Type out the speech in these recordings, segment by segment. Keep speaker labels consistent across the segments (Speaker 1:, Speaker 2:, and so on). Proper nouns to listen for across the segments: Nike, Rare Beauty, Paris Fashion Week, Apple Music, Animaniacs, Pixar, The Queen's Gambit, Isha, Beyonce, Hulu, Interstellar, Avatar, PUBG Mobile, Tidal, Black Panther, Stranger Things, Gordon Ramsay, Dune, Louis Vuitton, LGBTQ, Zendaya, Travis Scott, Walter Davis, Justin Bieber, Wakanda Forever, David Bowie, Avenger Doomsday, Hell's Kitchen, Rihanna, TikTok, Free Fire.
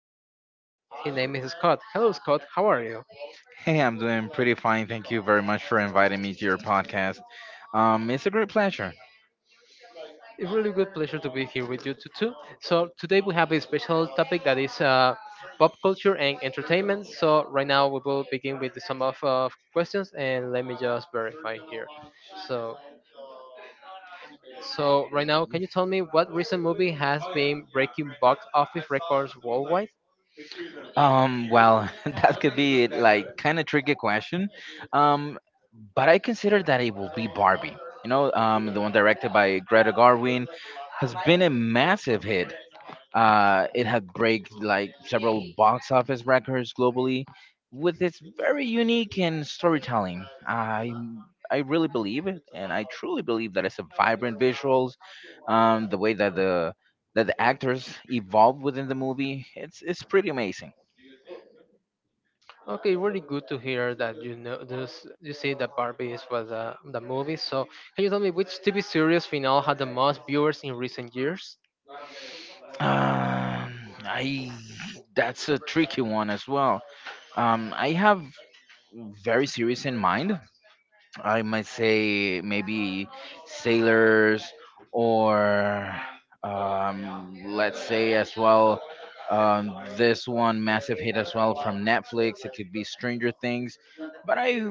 Speaker 1: a special guest. His name is Scott. Hello, Scott. How are you?
Speaker 2: Hey, I'm doing pretty fine. Thank you very much for inviting me to your podcast. It's a great pleasure.
Speaker 1: It's really good pleasure to be here with you too. So today we have a special topic that is pop culture and entertainment. So right now we will begin with some of questions, and let me just verify here. So so right now, can you tell me what recent movie has been breaking box office records worldwide?
Speaker 2: That could be like kind of tricky question. Um, but I consider that it will be Barbie. The one directed by Greta Garwin has been a massive hit. It had break like several box office records globally with its very unique and storytelling. I really believe it, and I truly believe that it's a vibrant visuals, the way that the actors evolve within the movie. It's pretty amazing.
Speaker 1: Okay, really good to hear that you know this. You say that Barbie is was the movie. So can you tell me which TV series finale had the most viewers in recent years?
Speaker 2: Um, I That's a tricky one as well. I have very serious in mind. I might say maybe sailors or let's say as well, this one massive hit as well from Netflix. It could be Stranger Things, but I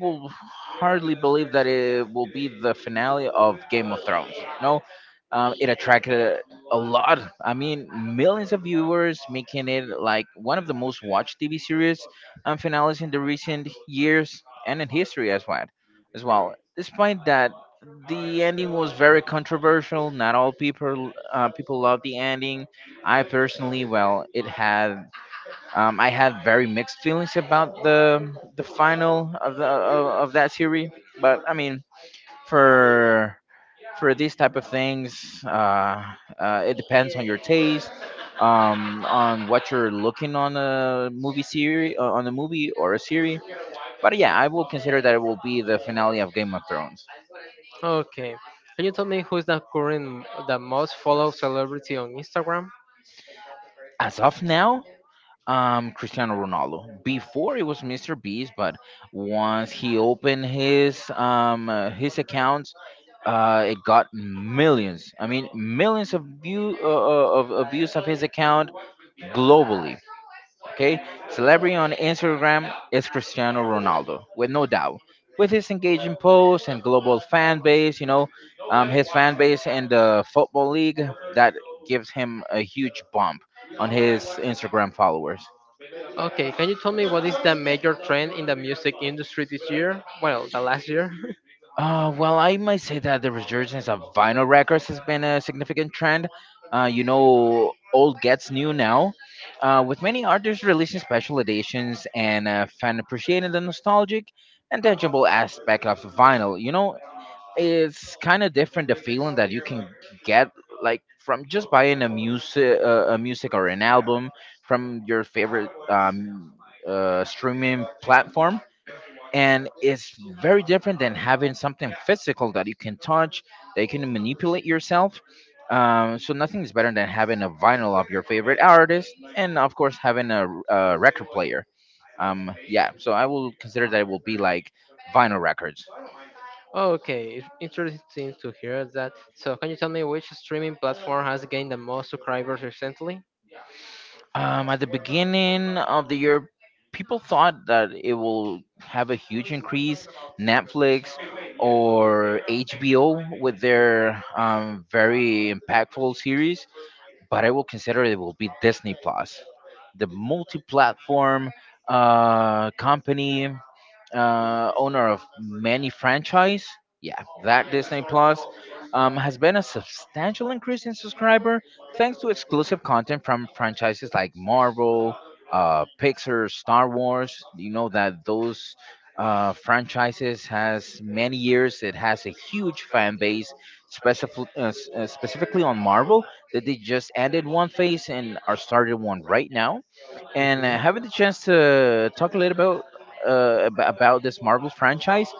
Speaker 2: will hardly believe that it will be the finale of Game of Thrones. No, It attracted a lot. I mean, millions of viewers, making it like one of the most watched TV series and finales in the recent years and in history as well. Despite that, the ending was very controversial. Not all people people loved the ending. I personally, well, it had, I had very mixed feelings about the final of that series. But I mean, for for these type of things, it depends on your taste. On what you're looking on a movie series, on a movie or a series, but yeah, I will consider that it will be the finale of Game of Thrones.
Speaker 1: Okay, can you tell me who is the current the most followed celebrity on Instagram?
Speaker 2: As of now, Cristiano Ronaldo. Before it was Mr. Beast, but once he opened his accounts, it got millions. I mean, millions of view of views of his account globally. Okay, celebrity on Instagram is Cristiano Ronaldo, with no doubt. With his engaging posts and global fan base, you know, his fan base in the football league that gives him a huge bump on his Instagram followers.
Speaker 1: Okay, can you tell me what is the major trend in the music industry this year? Well, the last year.
Speaker 2: I might say that the resurgence of vinyl records has been a significant trend. You know, old gets new now, with many artists releasing special editions and fan appreciating the nostalgic and tangible aspect of vinyl. You know, it's kind of different the feeling that you can get like from just buying a music or an album from your favorite streaming platform, and it's very different than having something physical that you can touch, that you can manipulate yourself. So nothing is better than having a vinyl of your favorite artist, and of course having a record player. Yeah, so I will consider that it will be like vinyl records.
Speaker 1: Okay, it's interesting to hear that. So, can you tell me which streaming platform has gained the most subscribers recently?
Speaker 2: At the beginning of the year, people thought that it will have a huge increase, Netflix or HBO with their very impactful series, but I will consider it will be Disney Plus, the multi-platform company, owner of many franchise. Yeah, that Disney Plus has been a substantial increase in subscriber thanks to exclusive content from franchises like Marvel, Pixar, Star Wars. You know that those franchises has many years. It has a huge fan base, specifically on Marvel, that they just ended one phase and are started one right now. And having the chance to talk a little about about this Marvel franchise,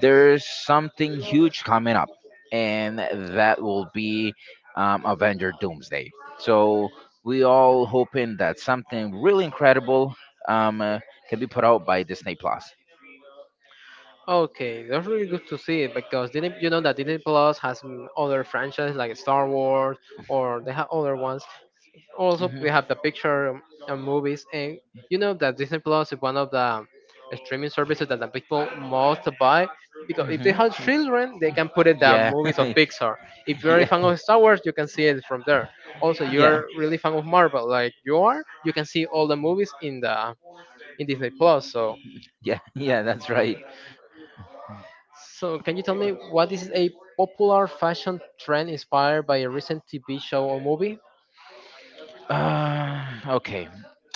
Speaker 2: there's something huge coming up, and that will be Avenger Doomsday. So we all hoping that something really incredible um, uh, can be put out by Disney Plus.
Speaker 1: Okay, that's really good to see it because Disney, you know that Disney Plus has other franchises like Star Wars, or they have other ones. Also
Speaker 2: Mhm.
Speaker 1: we have the picture movies, and you know that Disney Plus is one of the streaming services that the people most buy, because if
Speaker 2: Mhm.
Speaker 1: they have children they can put it the
Speaker 2: Yeah.
Speaker 1: movies of Pixar. If you're a
Speaker 2: Yeah.
Speaker 1: fan of Star Wars you can see it from there. Also,
Speaker 2: Yeah.
Speaker 1: you're really fan of Marvel, like you are, you can see all the movies in the in Disney Plus. so
Speaker 2: Yeah. Yeah. That's right.
Speaker 1: so can you tell me what is a popular fashion trend inspired by a recent TV show or movie?
Speaker 2: Uh, okay.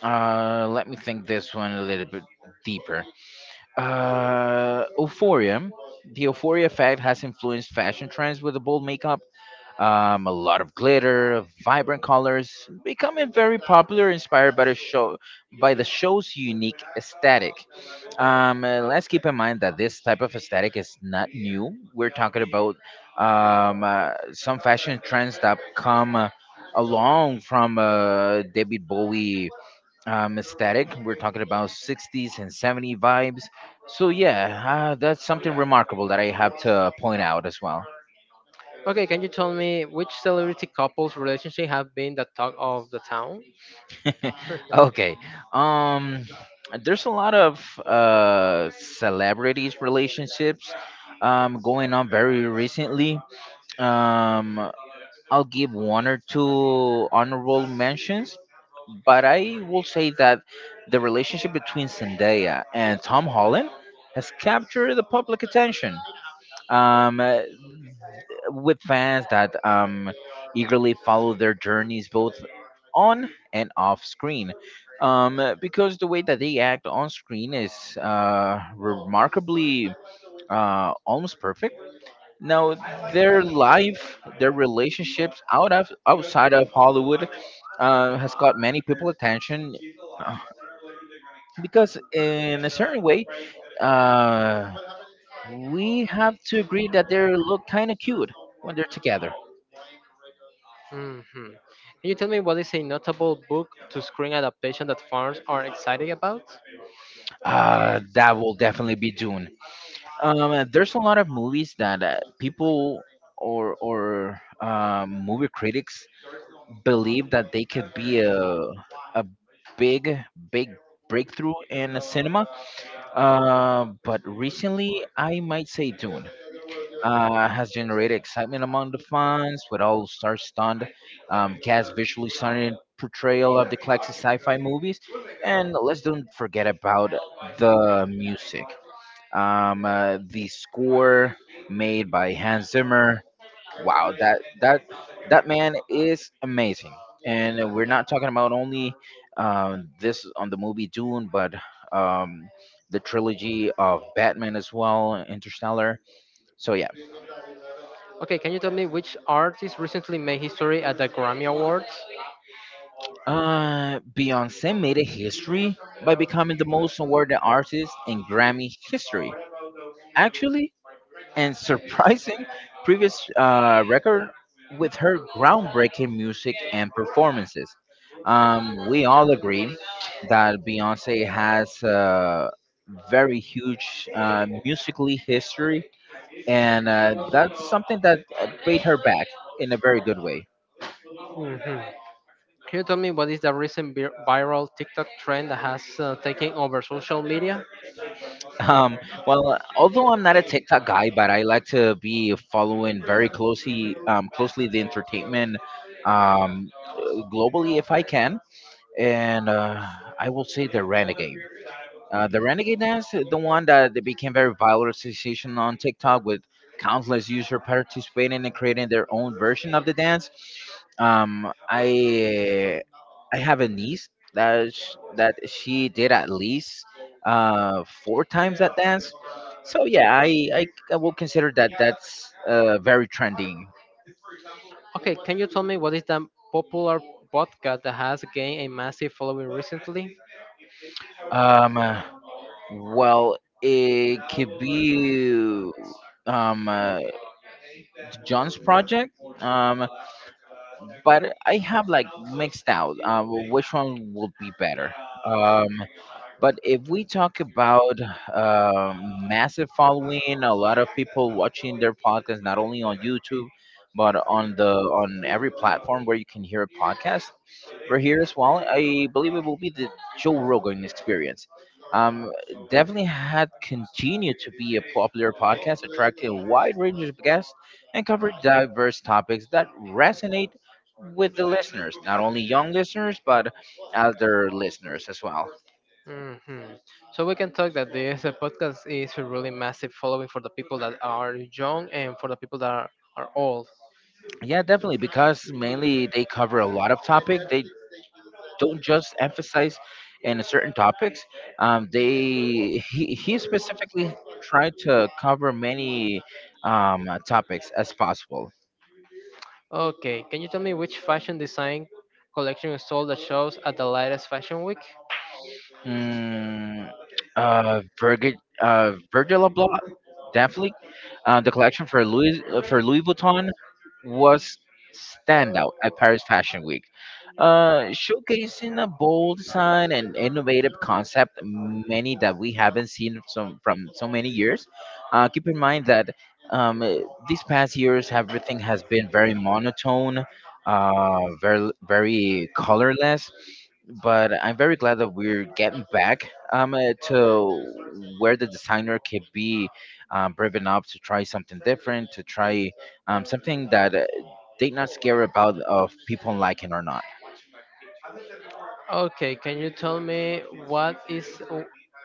Speaker 2: Uh, Let me think this one a little bit deeper. Euphoria. The euphoria effect has influenced fashion trends with a bold makeup, a lot of glitter, vibrant colors, becoming very popular, inspired by the show, by the show's unique aesthetic. Let's keep in mind that this type of aesthetic is not new. We're talking about some fashion trends that come, along from David Bowie aesthetic. We're talking about 60s and 70s vibes. So yeah, that's something remarkable that I have to point out as well.
Speaker 1: Okay, can you tell me which celebrity couples relationship have been the talk of the town?
Speaker 2: Okay. Um, there's a lot of celebrities relationships going on very recently. Um, I'll give one or two honorable mentions, but I will say that the relationship between Zendaya and Tom Holland has captured the public attention. Um, uh, with fans that, eagerly follow their journeys both on and off screen. Because the way that they act on screen is remarkably almost perfect. Now, their life, their relationships outside of Hollywood has got many people attention, uh, because, in a certain way, uh, we have to agree that they look kind of cute when they're together.
Speaker 1: Hmm. Can you tell me what is a notable book to screen adaptation that fans are excited about?
Speaker 2: That will definitely be Dune. There's a lot of movies that people or movie critics believe that they could be a big, big breakthrough in the cinema. But recently, I might say Dune has generated excitement among the fans with all star-studded cast, visually stunning portrayal of the classic sci-fi movies, and let's don't forget about the music. The score made by Hans Zimmer. Wow, that man is amazing. And we're not talking about only this on the movie Dune, but um, the trilogy of Batman as well, Interstellar. So yeah,
Speaker 1: Okay, can you tell me which artist recently made history at the Grammy Awards?
Speaker 2: Beyonce made a history by becoming the most awarded artist in Grammy history. Actually, and surprising previous record with her groundbreaking music and performances. We all agree that Beyonce has a very huge musically history, and that's something that paid her back in a very good way.
Speaker 1: Can you tell me what is the recent viral TikTok trend that has taken over social media?
Speaker 2: Um, Although I'm not a TikTok guy, but I like to be following very closely, closely the entertainment um, globally if I can. And I will say the Renegade. The Renegade dance, the one that they became very viral sensation on TikTok with countless users participating and creating their own version of the dance. Um, I I have a niece that she did at least four times that dance. So yeah, I will consider that that's very trending.
Speaker 1: Okay, can you tell me what is that popular podcast that has gained a massive following recently?
Speaker 2: Um, Well, it could be um, uh, John's project, um, but I have like mixed out which one would be better. Um, but if we talk about massive following, a lot of people watching their podcast not only on YouTube, but on every platform where you can hear a podcast. We're here as well. I believe it will be the Joe Rogan experience. Um, Definitely had continued to be a popular podcast, attracting a wide range of guests and covered diverse topics that resonate with the listeners, not only young listeners, but elder listeners as well.
Speaker 1: Hmm. So we can talk that this podcast is a really massive following for the people that are young and for the people that are old.
Speaker 2: Yeah, definitely, because mainly they cover a lot of topic. They don't just emphasize in certain topics. They He specifically tried to cover many topics as possible.
Speaker 1: Okay, can you tell me which fashion design collection is sold that shows at the latest fashion week?
Speaker 2: Mm, uh, Virgil, Virgil Abloh definitely. The collection for Louis Vuitton was standout at Paris Fashion Week, showcasing a bold design and innovative concept, many that we haven't seen from so many years. Keep in mind that um, eh, these past years, everything has been very monotone, very colorless. But I'm very glad that we're getting back, to where the designer can be brave enough to try something different, to try something that they not scared about of people liking or not.
Speaker 1: Okay, can you tell me what is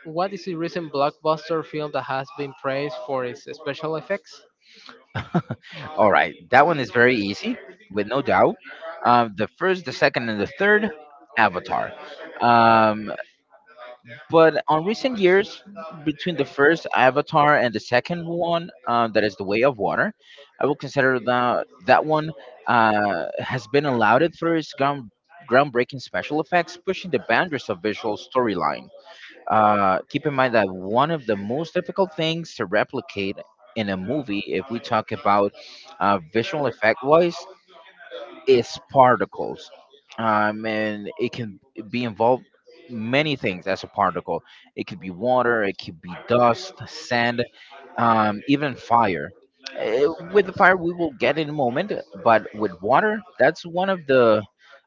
Speaker 1: what is the recent blockbuster film that has been praised for its special effects?
Speaker 2: All right, that one is very easy, with no doubt. The first, the second, and the third, Avatar. Um, but on recent years, between the first Avatar and the second one, that is The Way of Water, I would consider that that one has been allowed for its groundbreaking special effects, pushing the boundaries of visual storyline. Keep in mind that one of the most difficult things to replicate in a movie, if we talk about, visual effect wise, is particles, and it can be involved many things as a particle. It could be water, it could be dust sand, even fire. With the fire we will get in a moment, but with water that's one of the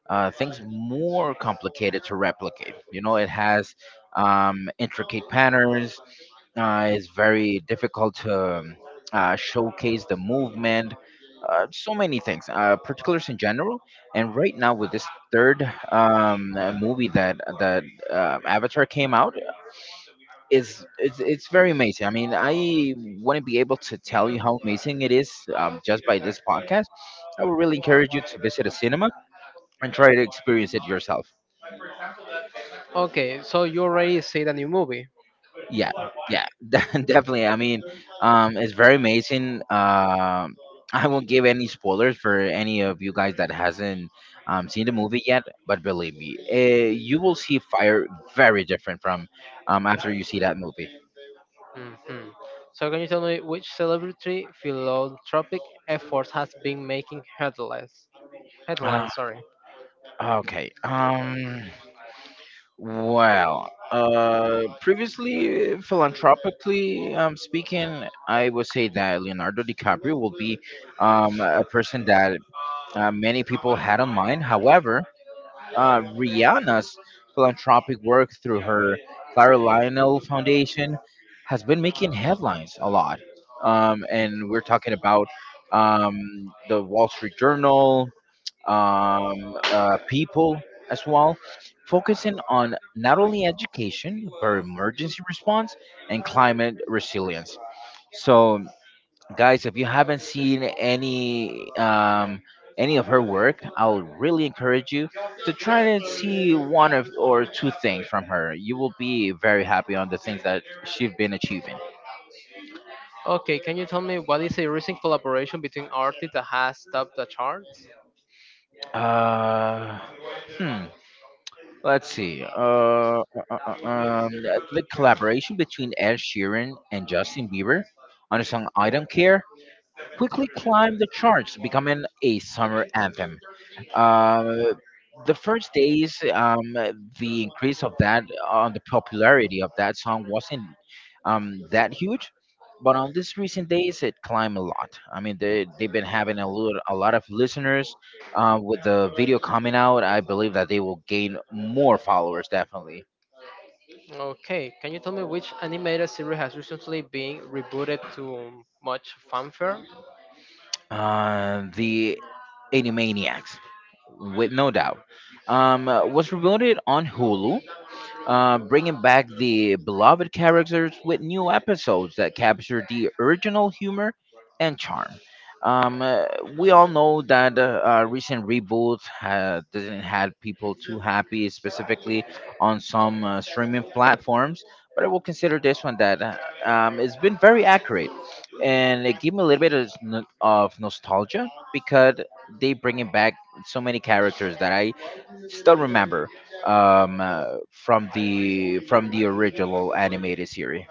Speaker 2: things more complicated to replicate. You know, it has um, intricate patterns. It's very difficult to showcase the movement, so many things, particulars in general. And right now with this third movie that Avatar came out, it's very amazing. I mean, I wouldn't be able to tell you how amazing it is, just by this podcast. I would really encourage you to visit a cinema and try to experience it yourself.
Speaker 1: Okay, so you already see the new movie.
Speaker 2: Yeah, yeah. Definitely, I mean, it's very amazing, I won't give any spoilers for any of you guys that hasn't seen the movie yet. But believe me, you will see fire very different from, after you see that movie.
Speaker 1: Hmm. So can you tell me which celebrity philanthropic effort has been making headlines?
Speaker 2: uh,
Speaker 1: Headlines, sorry.
Speaker 2: okay. Well, previously, philanthropically speaking, I would say that Leonardo DiCaprio will be a person that many people had on mind. However, Rihanna's philanthropic work through her Clara Lionel Foundation has been making headlines a lot. And we're talking about, the Wall Street Journal, um, People as well, focusing on not only education, but emergency response and climate resilience. So, guys, if you haven't seen any, any of her work, I'll really encourage you to try and see one of or two things from her. You will be very happy on the things that she's been achieving.
Speaker 1: Okay, can you tell me what is a recent collaboration between artists that has topped the charts?
Speaker 2: uh hmm let's see, uh, uh, um the collaboration between Ed Sheeran and Justin Bieber on the song I Don't Care quickly climbed the charts, becoming a summer anthem. Uh, the first days, the increase of that on the popularity of that song wasn't that huge. But on these recent days, it climbed a lot. I mean, they've been having a lot of listeners. With the video coming out, I believe that they will gain more followers definitely.
Speaker 1: Okay, can you tell me which animated series has recently been rebooted to much fanfare?
Speaker 2: The Animaniacs, with no doubt, was revealed on Hulu, bringing back the beloved characters with new episodes that capture the original humor and charm. Um, uh, we all know that recent reboots didn't had people too happy, specifically on some streaming platforms. But I will consider this one that it's been very accurate, and it gave me a little bit of, of nostalgia, because they bringing back so many characters that I still remember, um, uh, from the original animated series.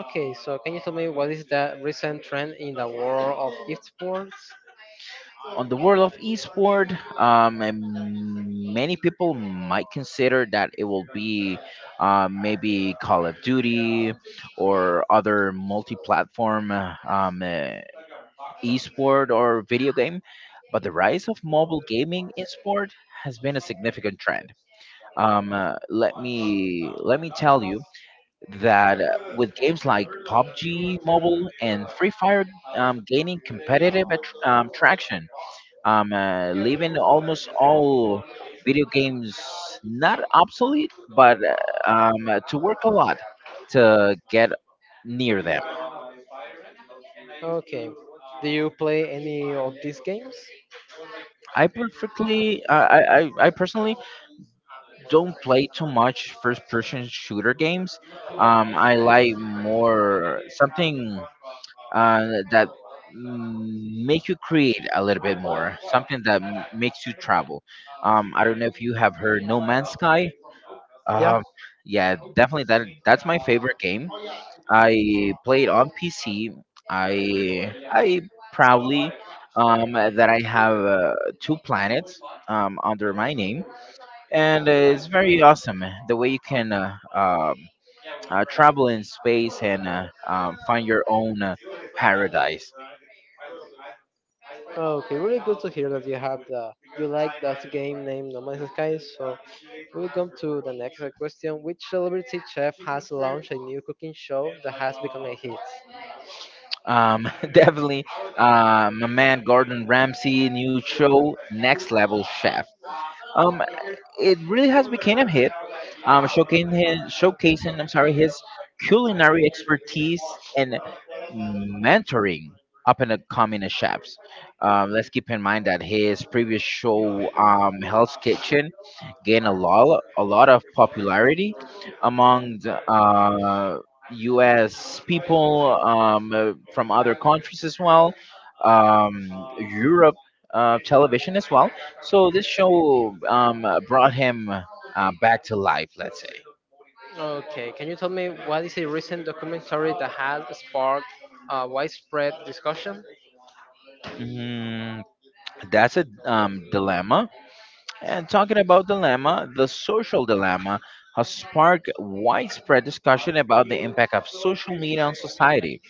Speaker 1: Okay, so can you tell me what is the recent trend in the world of esports?
Speaker 2: On the world of esport, and many people might consider that it will be, maybe Call of Duty or other multi-platform esport or video game. But the rise of mobile gaming in sport has been a significant trend. Let me tell you that, with games like PUBG Mobile and Free Fire, gaining competitive attr traction, leaving almost all video games not obsolete, but, to work a lot to get near them.
Speaker 1: Okay. Do you play any of these games?
Speaker 2: I perfectly, I personally don't play too much first-person shooter games. I like more something, uh, that make you create a little bit more, something that makes you travel. I don't know if you have heard No Man's Sky. Um, yeah, definitely that's my favorite game. I played on PC. I proudly, that I have two planets under my name, and, it's very awesome the way you can travel in space and find your own paradise.
Speaker 1: Okay, really good to hear that you have the you like that game named No Man's Sky. So we come to the next question. Which celebrity chef has launched a new cooking show that has become a hit?
Speaker 2: Definitely, my man Gordon Ramsay new show, Next Level Chef. Um, it really has become a hit. Showcasing, I'm sorry, his culinary expertise and mentoring up and coming chefs. Let's keep in mind that his previous show, Hell's Kitchen, gained a lot of popularity among the, U.S. people, from other countries as well, Europe, television as well. So this show, brought him, back to life, let's say.
Speaker 1: Okay, can you tell me what is a recent documentary that has sparked widespread discussion?
Speaker 2: Mm, that's a dilemma. And talking about dilemma, the social dilemma has sparked widespread discussion about the impact of social media on society.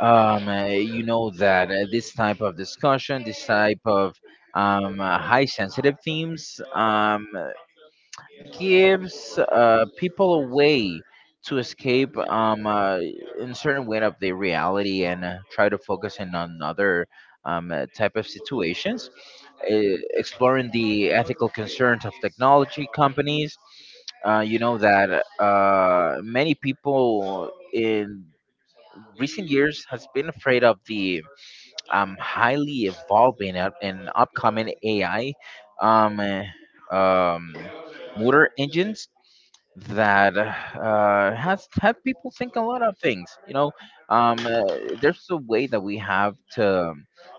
Speaker 2: You know that, this type of discussion, this type of high sensitive themes, gives people a way to escape, in certain way of their reality, and try to focus in on other type of situations, uh, exploring the ethical concerns of technology companies. You know that, many people in recent years has been afraid of the highly evolving and upcoming AI, um, uh, um, motor engines, that has had people think a lot of things. You know, um, uh, there's a way that we have to,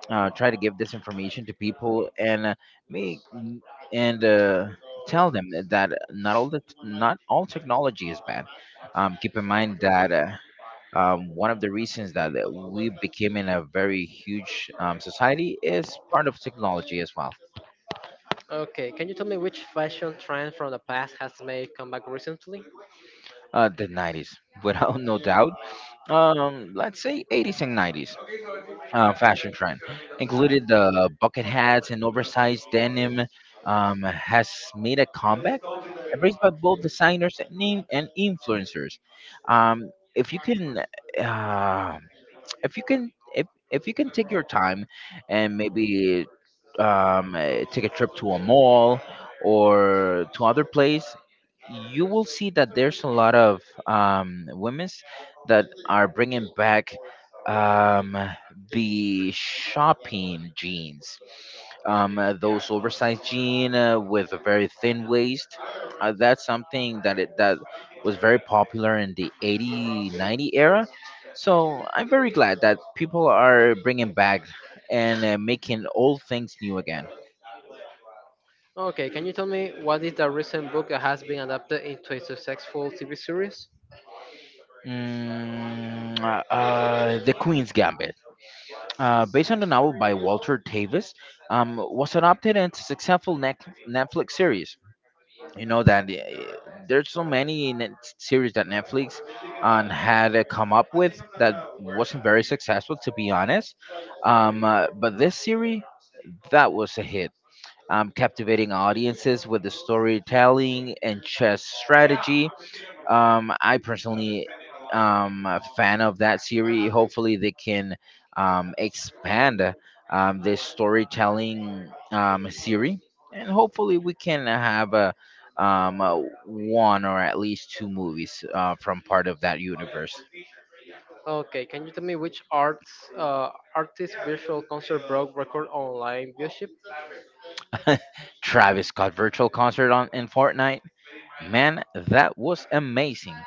Speaker 2: try to give this information to people, and make, and tell them that not all technology is bad. Keep in mind that. One of the reasons that we became in a very huge, society is part of technology as well.
Speaker 1: Okay, can you tell me which fashion trend from the past has made comeback recently?
Speaker 2: The 90s, without no doubt. Let's say 80s and 90s, fashion trend included the bucket hats and oversized denim, has made a comeback, embraced by both designers and, and influencers. um, if you can uh, if if you can take your time and maybe, take a trip to a mall or to other place. You will see that there's a lot of women's that are bringing back, um, the shopping jeans, those oversized jean, with a very thin waist. That's something that was very popular in the 80 90 era. So I'm very glad that people are bringing back and making old things new again.
Speaker 1: Okay, can you tell me what is the recent book that has been adapted into a successful TV series?
Speaker 2: The Queen's Gambit, based on the novel by Walter Davis, was adopted into a successful Netflix series. You know that, there's so many series that Netflix, had come up with that wasn't very successful, to be honest. But this series, that was a hit, captivating audiences with the storytelling and chess strategy. I personally am a fan of that series. Hopefully, they can, expand, this storytelling, series, and hopefully, we can have a, um uh, one or at least two movies, from part of that universe.
Speaker 1: Okay, can you tell me which arts artist virtual concert broke record online viewership?
Speaker 2: Travis Scott virtual concert on in Fortnite. Man, that was amazing.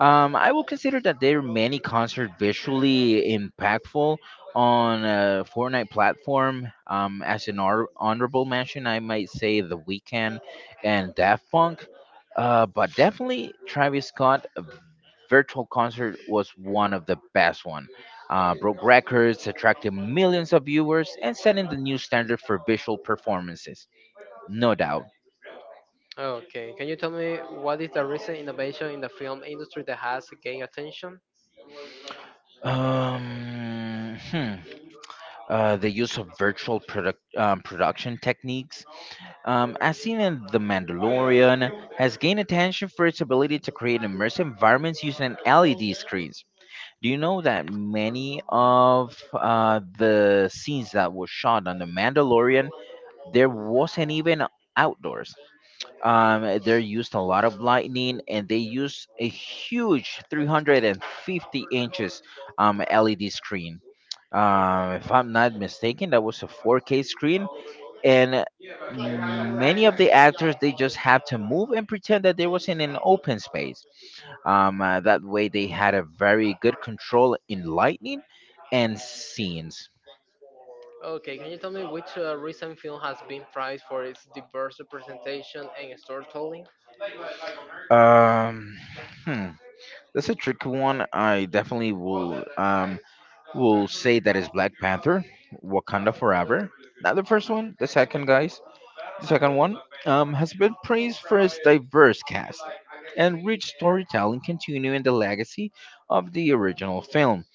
Speaker 2: I will consider that their many concert visually impactful on a Fortnite platform. As an honorable mention, I might say The Weeknd and Daft Punk. But definitely Travis Scott, virtual concert was one of the best one. Broke records, attracted millions of viewers, and setting the new standard for visual performances. No doubt.
Speaker 1: Okay, can you tell me what is the recent innovation in the film industry that has gained attention?
Speaker 2: Um, hmm. The use of virtual production techniques, as seen in The Mandalorian, has gained attention for its ability to create immersive environments using LED screens. Do you know that many of, the scenes that were shot on The Mandalorian, there wasn't even outdoors? They used a lot of lightning and they used a huge 350 inches, LED screen, if I'm not mistaken, that was a 4K screen, and many of the actors they just have to move and pretend that they was in an open space. That way, they had a very good control in lighting and scenes.
Speaker 1: Okay, can you tell me which recent film has been prized for its diverse representation and storytelling?
Speaker 2: Um, hmm, that's a tricky one. I definitely will say that is Black Panther, Wakanda Forever. Not the first one, the second, guys. The second one, has been praised for its diverse cast and rich storytelling, continuing the legacy of the original film.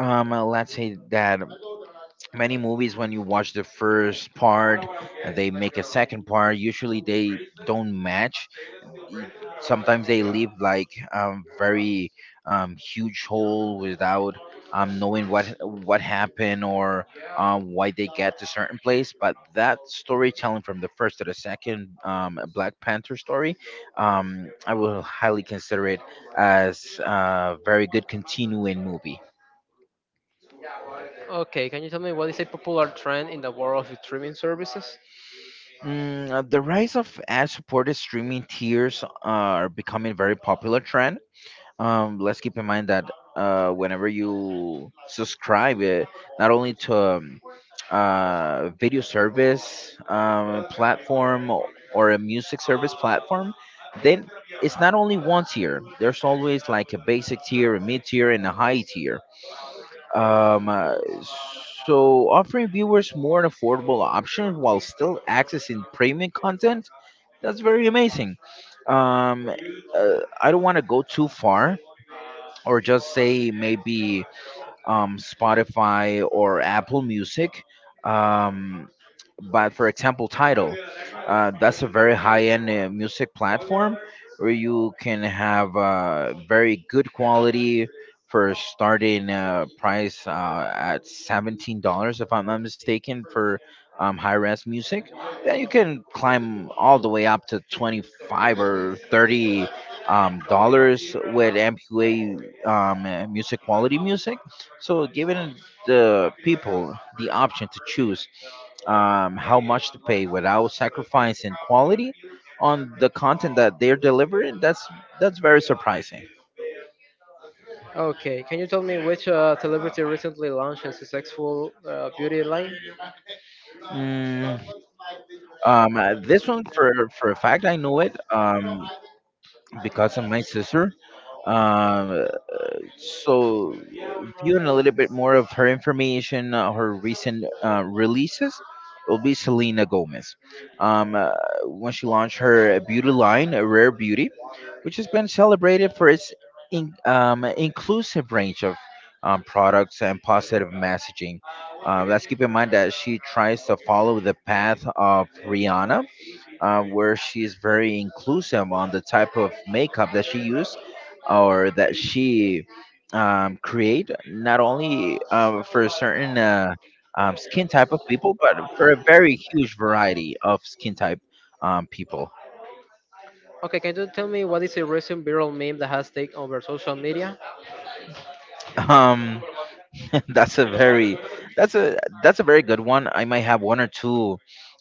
Speaker 2: Let's say that many movies, when you watch the first part, and they make a second part. Usually, they don't match. Sometimes they leave like, very, huge hole without, knowing what happened, or, why they get to certain place. But that storytelling from the first to the second, Black Panther story, I will highly consider it as a very good continuing movie.
Speaker 1: Okay, can you tell me what is a popular trend in the world of streaming services?
Speaker 2: The rise of ad-supported streaming tiers are becoming very popular trend. Let's keep in mind that, whenever you subscribe it, not only to video service, platform, or a music service platform. Then it's not only one tier, there's always like a basic tier, a mid tier, and a high tier. um uh, so offering viewers more affordable options while still accessing premium content. That's very amazing. um I don't want to go too far or just say maybe, Spotify or Apple Music. Um, but for example, Tidal, that's a very high-end, music platform where you can have, very good quality for starting, price, at $17, if I'm not mistaken, for high-res music. Then you can climb all the way up to 25 or 30, dollars with MPA, music quality music. So, giving the people the option to choose, how much to pay without sacrificing quality on the content that they're delivering, that's very surprising.
Speaker 1: Okay, can you tell me which celebrity recently launched a successful beauty line?
Speaker 2: Mm, this one for a fact I know it, because of my sister. Um, So, uh, Viewing a little bit more of her information, her recent releases, it will be Selena Gomez. Um, uh, when she launched her beauty line, Rare Beauty, which has been celebrated for its inclusive range of products and positive messaging. Let's keep in mind that she tries to follow the path of Rihanna, where she's very inclusive on the type of makeup that she used or that she create, not only for a certain skin type of people, but for a very huge variety of skin type people.
Speaker 1: Okay, can you tell me what is a recent viral meme that has taken over social media?
Speaker 2: Um, that's a very that's a very good one. I might have one or two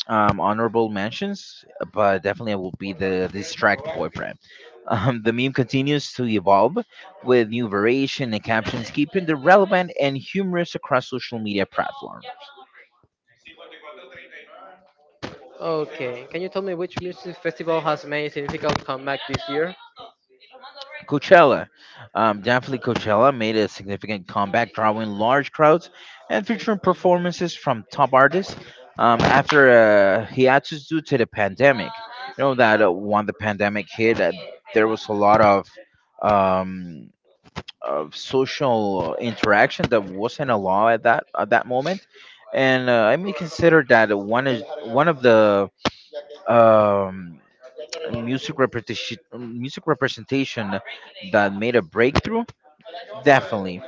Speaker 2: honorable mentions, but definitely I will be the distract boyfriend. The meme continues to evolve with new variation and captions, keeping the relevant and humorous across social media platforms.
Speaker 1: Okay, can you tell me which music festival has made a significant comeback this year?
Speaker 2: Coachella. Definitely Coachella made a significant comeback, drawing large crowds and featuring performances from top artists after a hiatus due to the pandemic. You know that when the pandemic hit, there was a lot um, of social interaction that wasn't allowed at that moment, and I may consider that one is one of the um, music representation that made a breakthrough, definitely,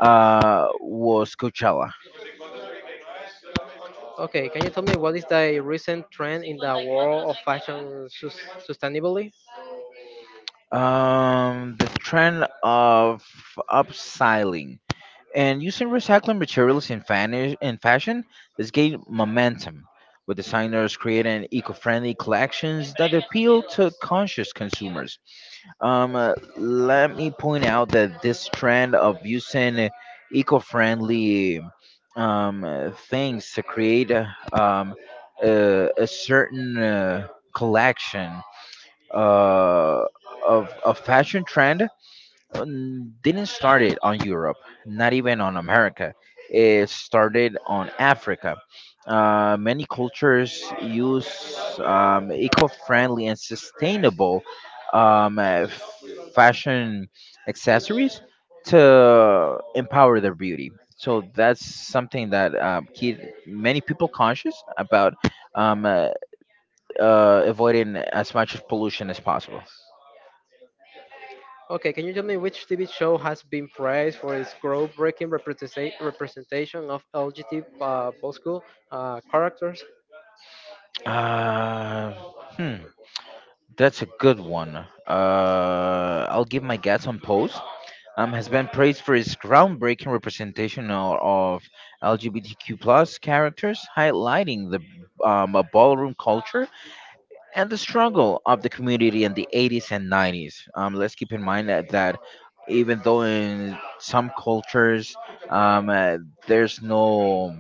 Speaker 2: was Coachella.
Speaker 1: Okay, can you tell me what is the recent trend in the world of fashion sus- sustainability?
Speaker 2: The trend of upcycling and using recycled materials in fashion has gained momentum, with designers creating eco-friendly collections that appeal to conscious consumers. Let me point out that this trend of using eco-friendly things to create a certain collection uh, of a fashion trend didn't start it on Europe, not even on America. It started on Africa. Many cultures use eco-friendly and sustainable um, uh, fashion accessories to empower their beauty. So that's something that keep many people conscious about um, uh, avoiding as much pollution as possible.
Speaker 1: Okay, can you tell me which TV show has been praised for its groundbreaking representation of LGBT Bosco characters?
Speaker 2: Uh, hmm. That's a good one. I'll give my guess on Pose. Has been praised for its groundbreaking representation of LGBTQ plus characters, highlighting the a ballroom culture and the struggle of the community in the 80s and 90s. Let's keep in mind that, even though in some cultures um, uh, there's no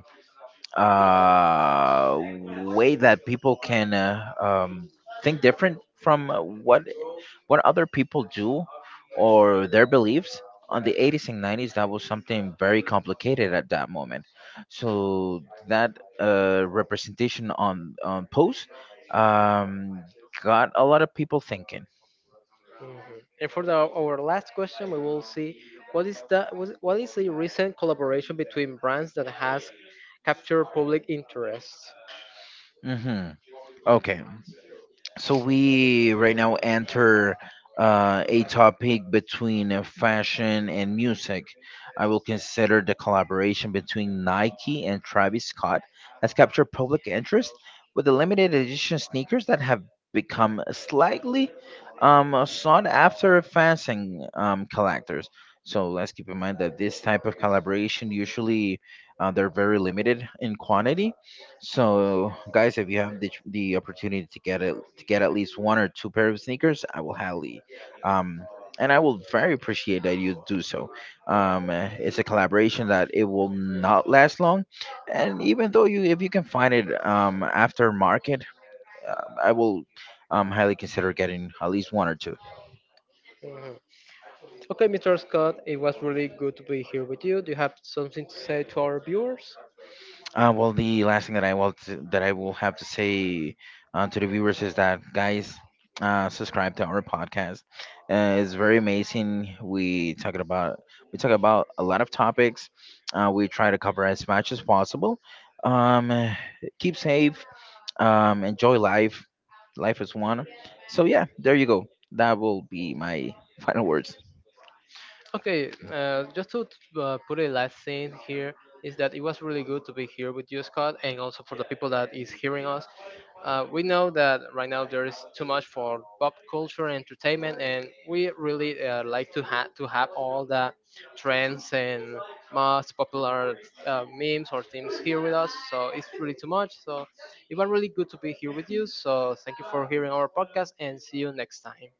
Speaker 2: way that people can think different from what other people do or their beliefs, on the 80s and 90s that was something very complicated at that moment, so that representation on post um, got a lot of people thinking.
Speaker 1: Mhm. And for our last question, we will see what is the what is a recent collaboration between brands that has captured public interest.
Speaker 2: Hmm okay So we right now enter a topic between fashion and music. I will consider the collaboration between Nike and Travis Scott has captured public interest with the limited edition sneakers that have become slightly sought after fashion collectors. So let's keep in mind that this type of collaboration usually they're very limited in quantity, so, guys, if you have the opportunity to get at least one or two pair of sneakers, I will highly, um, and I will very appreciate that you do so. It's a collaboration that it will not last long, and even though you if you can find it after market, I will highly consider getting at least one or two.
Speaker 1: Mhm. Okay, Mr. Scott, it was really good to be here with you. Do you have something to say to our viewers?
Speaker 2: Well, the last thing that that I will have to say to the viewers is that guys, subscribe to our podcast. It's very amazing. We talk about a lot of topics. We try to cover as much as possible. Um, eh, Keep safe. Enjoy life. Life is one. So yeah, there you go. That will be my final words.
Speaker 1: Okay, just to put a last thing here is that it was really good to be here with you, Scott, and also for the people that is hearing us. We know that right now there is too much for pop culture and entertainment, and we really like to have all the trends and most popular memes or themes here with us. So it's really too much. So it was really good to be here with you. So thank you for hearing our podcast, and see you next time.